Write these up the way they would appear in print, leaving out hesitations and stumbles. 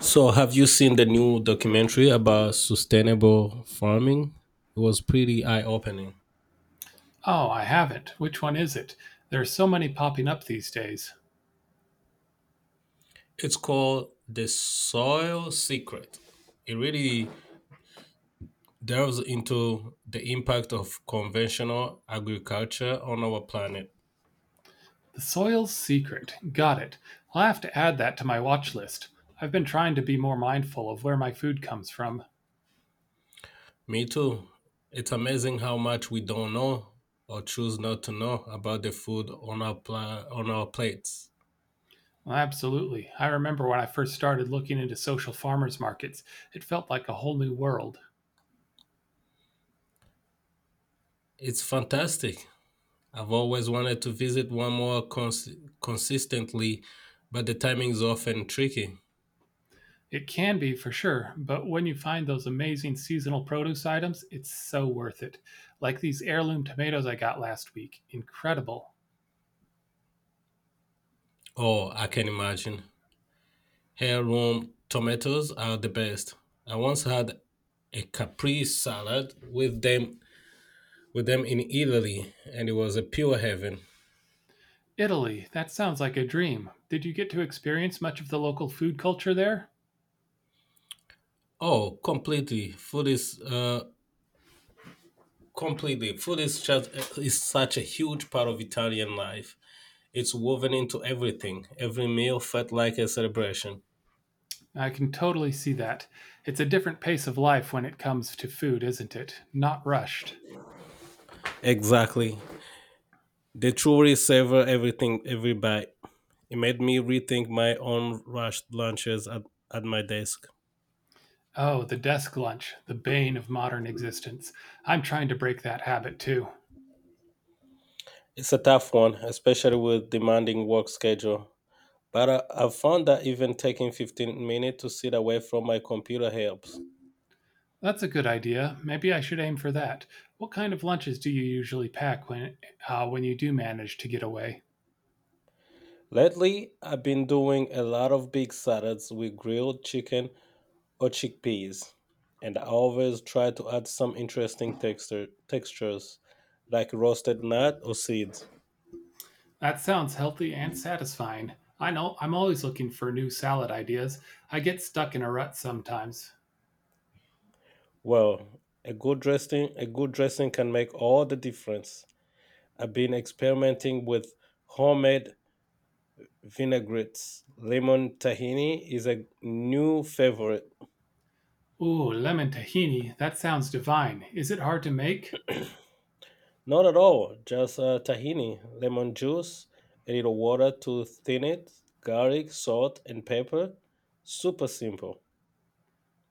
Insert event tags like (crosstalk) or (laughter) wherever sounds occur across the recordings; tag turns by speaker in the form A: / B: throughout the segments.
A: So, have you seen the new documentary about sustainable farming? It was pretty eye opening.
B: Oh, I haven't. Which one is it? There are so many popping up these days.
A: It's called The Soil Secret. It really delves into the impact of conventional agriculture on our planet.
B: The Soil's Secret. Got it. I'll have to add that to my watch list. I've been trying to be more mindful of where my food comes from.
A: Me too. It's amazing how much we don't know or choose not to know about the food on our on our plates.
B: Well, absolutely. I remember when I first started looking into social farmers markets, it felt like a whole new world.
A: It's fantastic. I've always wanted to visit one more consistently, but the timing is often tricky.
B: It can be for sure, but when you find those amazing seasonal produce items, it's so worth it. Like these heirloom tomatoes I got last week. Incredible.
A: Oh, I can imagine. Here, Rome tomatoes are the best. I once had a capri salad with them in Italy, and it was a pure heaven.
B: Italy, that sounds like a dream. Did you get to experience much of the local food culture there?
A: Oh, completely. Food is completely. Food is just is such a huge part of Italian life. It's woven into everything. Every meal felt like a celebration.
B: I can totally see that. It's a different pace of life when it comes to food, isn't it? Not rushed.
A: Exactly. They truly savor everything, every bite. It made me rethink my own rushed lunches at my desk.
B: Oh, the desk lunch, the bane of modern existence. I'm trying to break that habit too.
A: It's a tough one, especially with demanding work schedule. But I've found that even taking 15 minutes to sit away from my computer helps.
B: That's a good idea. Maybe I should aim for that. What kind of lunches do you usually pack when you do manage to get away?
A: Lately, I've been doing a lot of big salads with grilled chicken or chickpeas, and I always try to add some interesting textures like roasted nut or seeds.
B: That sounds healthy and satisfying. I know I'm always looking for new salad ideas. I get stuck in a rut sometimes.
A: Well, a good dressing can make all the difference. I've been experimenting with homemade vinaigrettes. Lemon tahini is a new favorite.
B: Ooh, lemon tahini. That sounds divine. Is it hard to make?
A: Not at all, just tahini, lemon juice, a little water to thin it, garlic, salt, and pepper. Super simple.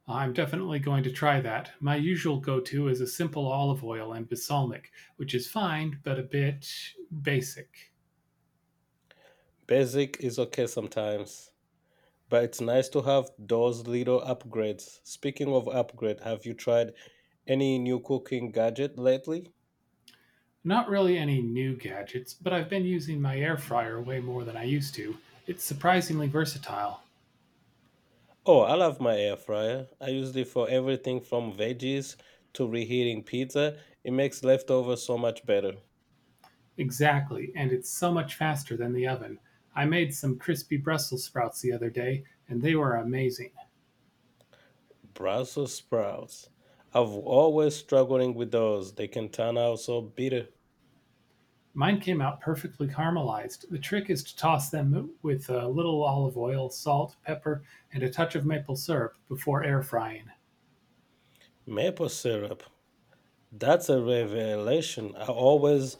B: I'm definitely going to try that. My usual go to is a simple olive oil and balsamic, which is fine, but a bit basic.
A: Basic is okay sometimes, but it's nice to have those little upgrades. Speaking of upgrade, have you tried any new cooking gadget lately?
B: Not really any new gadgets, but I've been using my air fryer way more than I used to. It's surprisingly versatile.
A: Oh, I love my air fryer. I use it for everything from veggies to reheating pizza. It makes leftovers so much better.
B: Exactly, and it's so much faster than the oven. I made some crispy Brussels sprouts the other day, and they were amazing.
A: Brussels sprouts. I've always struggling with those. They can turn out so bitter.
B: Mine came out perfectly caramelized. The trick is to toss them with a little olive oil, salt, pepper, and a touch of maple syrup before air frying.
A: Maple syrup. That's a revelation.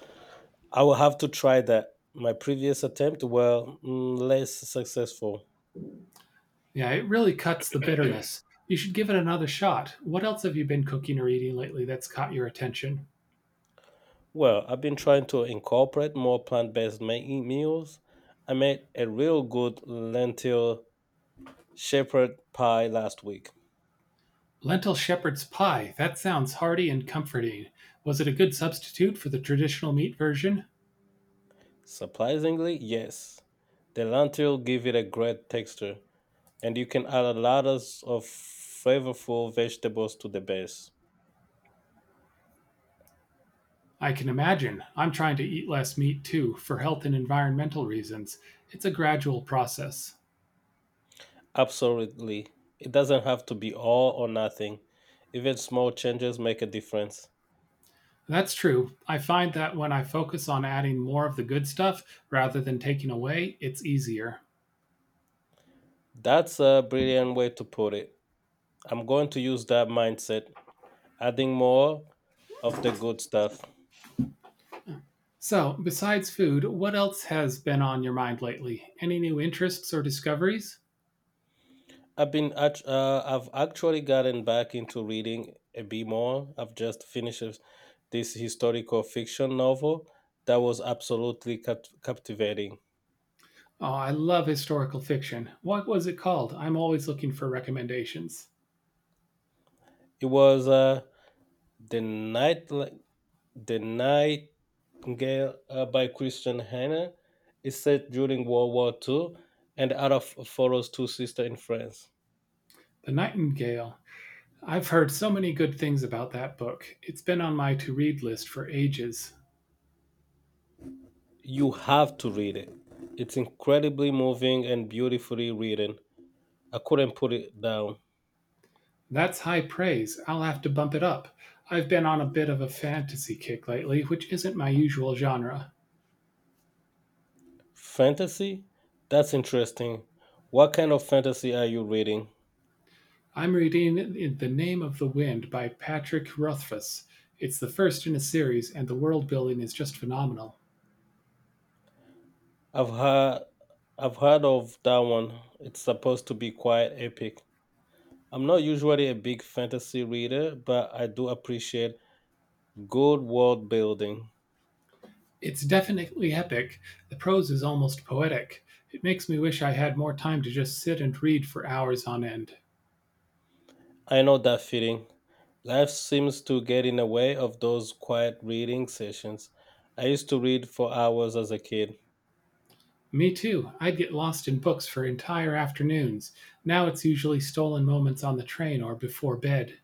A: I will have to try that. My previous attempt were less successful.
B: Yeah, it really cuts the bitterness. You should give it another shot. What else have you been cooking or eating lately that's caught your attention?
A: Well, I've been trying to incorporate more plant-based meals. I made a real good lentil shepherd pie last week.
B: Lentil shepherd's pie. That sounds hearty and comforting. Was it a good substitute for the traditional meat version?
A: Surprisingly, yes. The lentil give it a great texture, and you can add a lot of flavorful vegetables to the base.
B: I can imagine. I'm trying to eat less meat too, for health and environmental reasons. It's a gradual process.
A: Absolutely. It doesn't have to be all or nothing. Even small changes make a difference.
B: That's true. I find that when I focus on adding more of the good stuff rather than taking away, it's easier.
A: That's a brilliant way to put it. I'm going to use that mindset, adding more of the good stuff.
B: So, besides food, what else has been on your mind lately? Any new interests or discoveries?
A: I've been I've actually gotten back into reading a bit more. I've just finished this historical fiction novel that was absolutely captivating.
B: Oh, I love historical fiction. What was it called? I'm always looking for recommendations.
A: It was the night the Nightingale by Christian Hannah. It's set during World War Two, and the author follows two sisters in France.
B: The Nightingale. I've heard so many good things about that book. It's been on my to read list for ages.
A: You have to read it. It's incredibly moving and beautifully written. I couldn't put it down.
B: That's high praise. I'll have to bump it up. I've been on a bit of a fantasy kick lately, which isn't my usual genre.
A: Fantasy? That's interesting. What kind of fantasy are you reading?
B: I'm reading In the Name of the Wind by Patrick Rothfuss. It's the first in a series, and the world building is just phenomenal.
A: I've heard I've heard of that one. It's supposed to be quite epic. I'm not usually a big fantasy reader, but I do appreciate good world building.
B: It's definitely epic. The prose is almost poetic. It makes me wish I had more time to just sit and read for hours on end.
A: I know that feeling. Life seems to get in the way of those quiet reading sessions. I used to read for hours as a kid.
B: Me too. I'd get lost in books for entire afternoons. Now it's usually stolen moments on the train or before bed.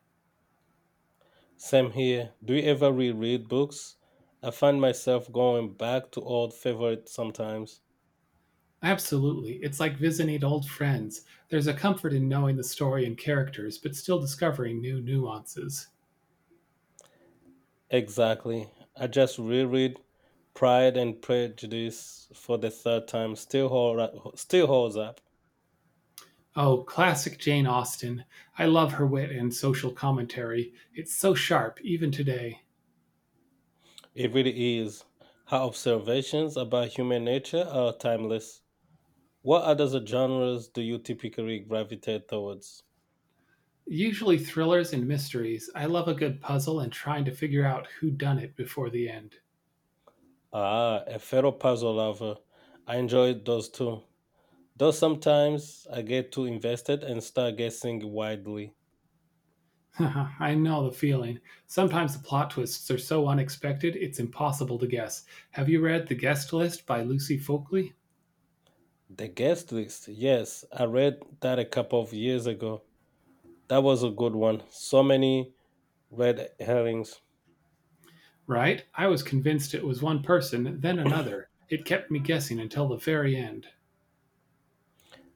A: Same here. Do you ever reread books? I find myself going back to old favorites sometimes.
B: Absolutely. It's like visiting old friends. There's a comfort in knowing the story and characters, but still discovering new nuances.
A: Exactly. I just reread Pride and Prejudice for the third time. Still holds up.
B: Oh, classic Jane Austen. I love her wit and social commentary. It's so sharp, even today.
A: It really is. Her observations about human nature are timeless. What other genres do you typically gravitate towards?
B: Usually thrillers and mysteries. I love a good puzzle and trying to figure out who done it before the end.
A: Ah, a fellow puzzle lover. I enjoyed those too. Though sometimes I get too invested and start guessing widely.
B: (laughs) I know the feeling. Sometimes the plot twists are so unexpected it's impossible to guess. Have you read The Guest List by Lucy Folkley?
A: The guest list, yes, I read that a couple of years ago. That was a good one. So many red herrings.
B: Right? I was convinced it was one person, then another. It kept me guessing until the very end.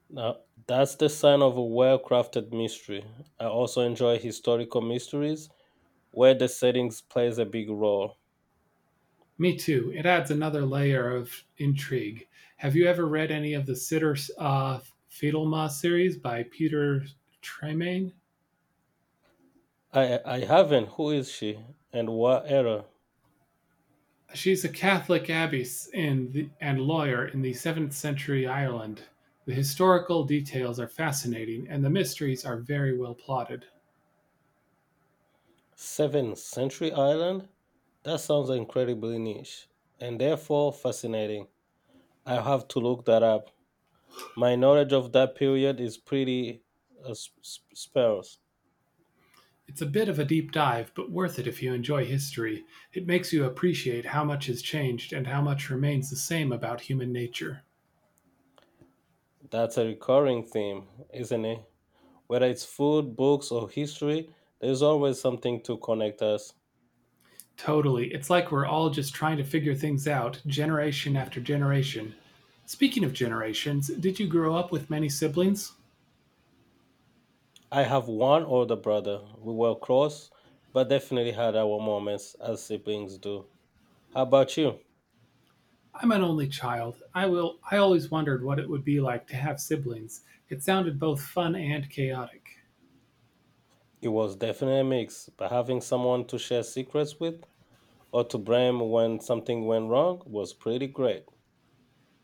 A: Now, that's the sign of a well crafted mystery. I also enjoy historical mysteries where the settings plays a big role.
B: Me too. It adds another layer of intrigue. Have you ever read any of the Sitter Fidelma series by Peter Tremaine?
A: I haven't. Who is she? And what era?
B: She's a Catholic abbess in the, and lawyer in the 7th century Ireland. The historical details are fascinating, and the mysteries are very well plotted.
A: 7th century island? That sounds incredibly niche and therefore fascinating. I have to look that up. My knowledge of that period is pretty sparse.
B: It's a bit of a deep dive, but worth it if you enjoy history. It makes you appreciate how much has changed and how much remains the same about human nature.
A: That's a recurring theme, isn't it? Whether it's food, books, or history, there's always something to connect us.
B: Totally. It's like we're all just trying to figure things out, generation after generation. Speaking of generations, did you grow up with many siblings?
A: I have one older brother. We were close, but definitely had our moments as siblings do. How about you?
B: I'm an only child. I always wondered what it would be like to have siblings. It sounded both fun and chaotic.
A: It was definitely a mix, but having someone to share secrets with or to blame when something went wrong was pretty great.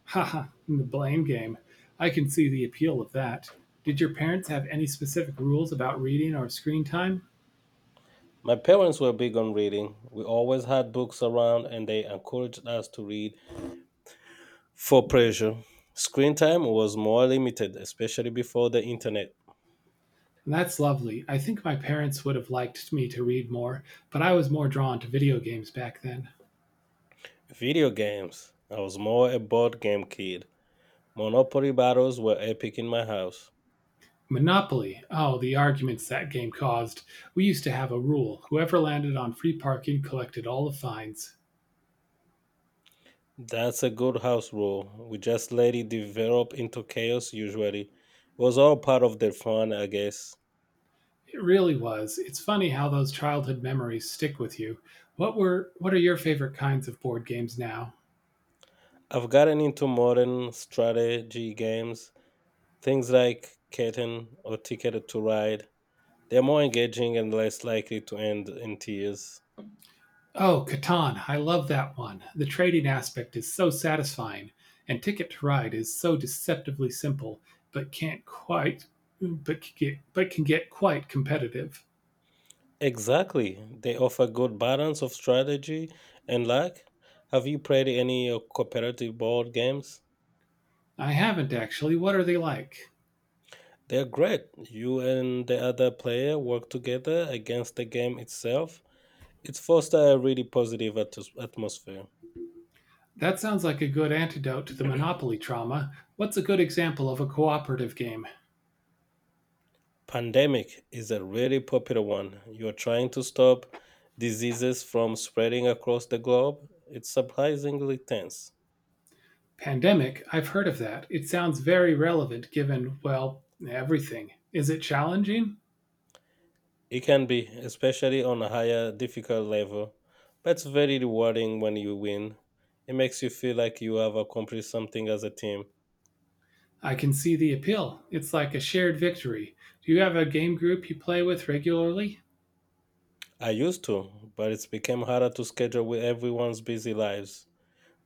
B: Haha, (laughs) the blame game. I can see the appeal of that. Did your parents have any specific rules about reading or screen time?
A: My parents were big on reading. We always had books around and they encouraged us to read for pleasure. Screen time was more limited, especially before the internet.
B: That's lovely. I think my parents would have liked me to read more, but I was more drawn to video games back then.
A: Video games. I was more a board game kid. Monopoly battles were epic in my house.
B: Monopoly. Oh, the arguments that game caused. We used to have a rule whoever landed on free parking collected all the fines.
A: That's a good house rule. We just let it develop into chaos usually. It was all part of the fun, I guess.
B: It really was. It's funny how those childhood memories stick with you. What are your favorite kinds of board games now?
A: I've gotten into modern strategy games, things like Catan or Ticket to Ride. They're more engaging and less likely to end in tears.
B: Oh, Catan, I love that one. The trading aspect is so satisfying, and Ticket to Ride is so deceptively simple, but can't quite but can get quite competitive.
A: Exactly. They offer good balance of strategy and luck. Have you played any cooperative board games?
B: I haven't actually. What are they like?
A: They're great. You and the other player work together against the game itself. It fosters a really positive atmosphere.
B: That sounds like a good antidote to the Monopoly trauma. What's a good example of a cooperative game?
A: Pandemic is a really popular one. You're trying to stop diseases from spreading across the globe. It's surprisingly tense.
B: Pandemic, I've heard of that. It sounds very relevant given, well, everything. Is it challenging?
A: It can be, especially on a higher, difficult level, but it's very rewarding when you win. It makes you feel like you have accomplished something as a team.
B: I can see the appeal. It's like a shared victory. Do you have a game group you play with regularly?
A: I used to, but it's become harder to schedule with everyone's busy lives.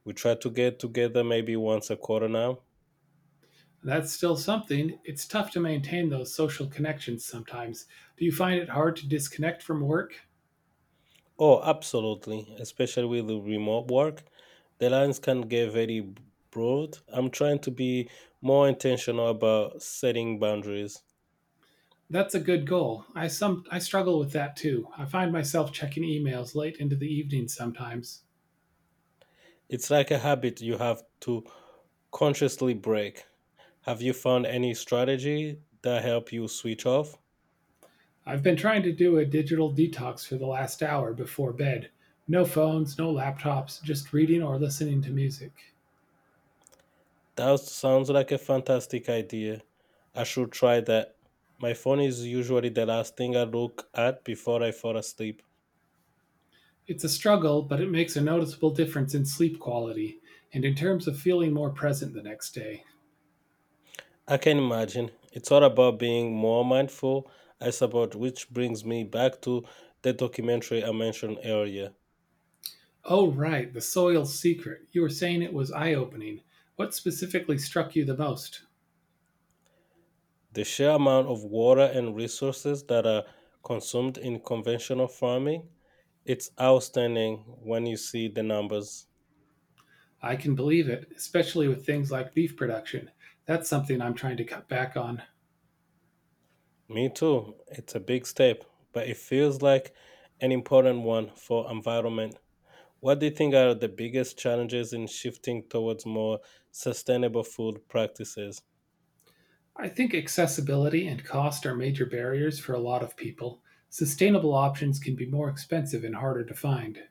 A: We try to get together maybe once a quarter now.
B: That's still something. It's tough to maintain those social connections sometimes. Do you find it hard to disconnect from work?
A: Oh, absolutely, especially with the remote work. The lines can get very broad. I'm trying to be more intentional about setting boundaries.
B: That's a good goal. I struggle with that too. I find myself checking emails late into the evening sometimes.
A: It's like a habit you have to consciously break. Have you found any strategy that help you switch off?
B: I've been trying to do a digital detox for the last hour before bed. No phones, no laptops, just reading or listening to music.
A: That sounds like a fantastic idea. I should try that. My phone is usually the last thing I look at before I fall asleep.
B: It's a struggle, but it makes a noticeable difference in sleep quality and in terms of feeling more present the next day.
A: I can imagine. It's all about being more mindful, I suppose, which brings me back to the documentary I mentioned earlier.
B: Oh, right, the soil secret. You were saying it was eye opening. What specifically struck you the most?
A: The sheer amount of water and resources that are consumed in conventional farming. It's outstanding when you see the numbers.
B: I can believe it, especially with things like beef production. That's something I'm trying to cut back on.
A: Me too. It's a big step, but it feels like an important one for environment. What do you think are the biggest challenges in shifting towards more sustainable food practices?
B: I think accessibility and cost are major barriers for a lot of people. Sustainable options can be more expensive and harder to find.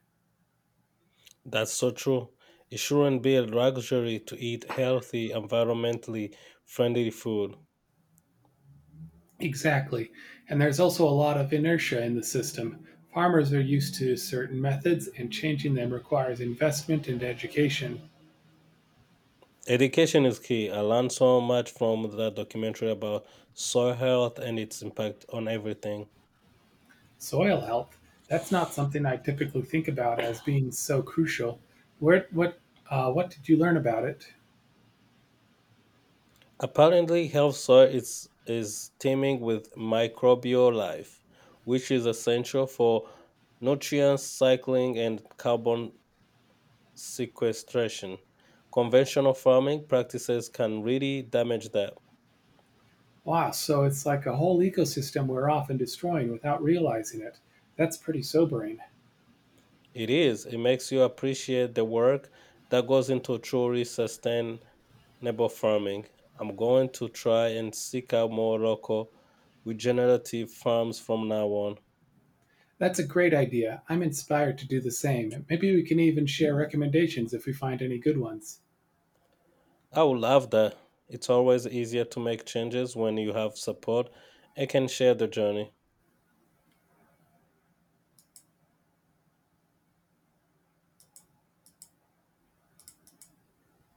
A: That's so true. It shouldn't be a luxury to eat healthy, environmentally friendly food.
B: Exactly. And there's also a lot of inertia in the system. Farmers are used to certain methods, and changing them requires investment and education.
A: Education is key. I learned so much from that documentary about soil health and its impact on everything.
B: Soil health, that's not something I typically think about as being so crucial. Where, what, what did you learn about it?
A: Apparently, health soil is teeming with microbial life, which is essential for nutrient cycling and carbon sequestration. Conventional farming practices can really damage that.
B: Wow, so it's like a whole ecosystem we're often destroying without realizing it. That's pretty sobering.
A: It is, it makes you appreciate the work that goes into truly sustainable farming. I'm going to try and seek out more local regenerative farms from now on.
B: That's a great idea. I'm inspired to do the same. Maybe we can even share recommendations if we find any good ones.
A: I would love that. It's always easier to make changes when you have support and can share the journey.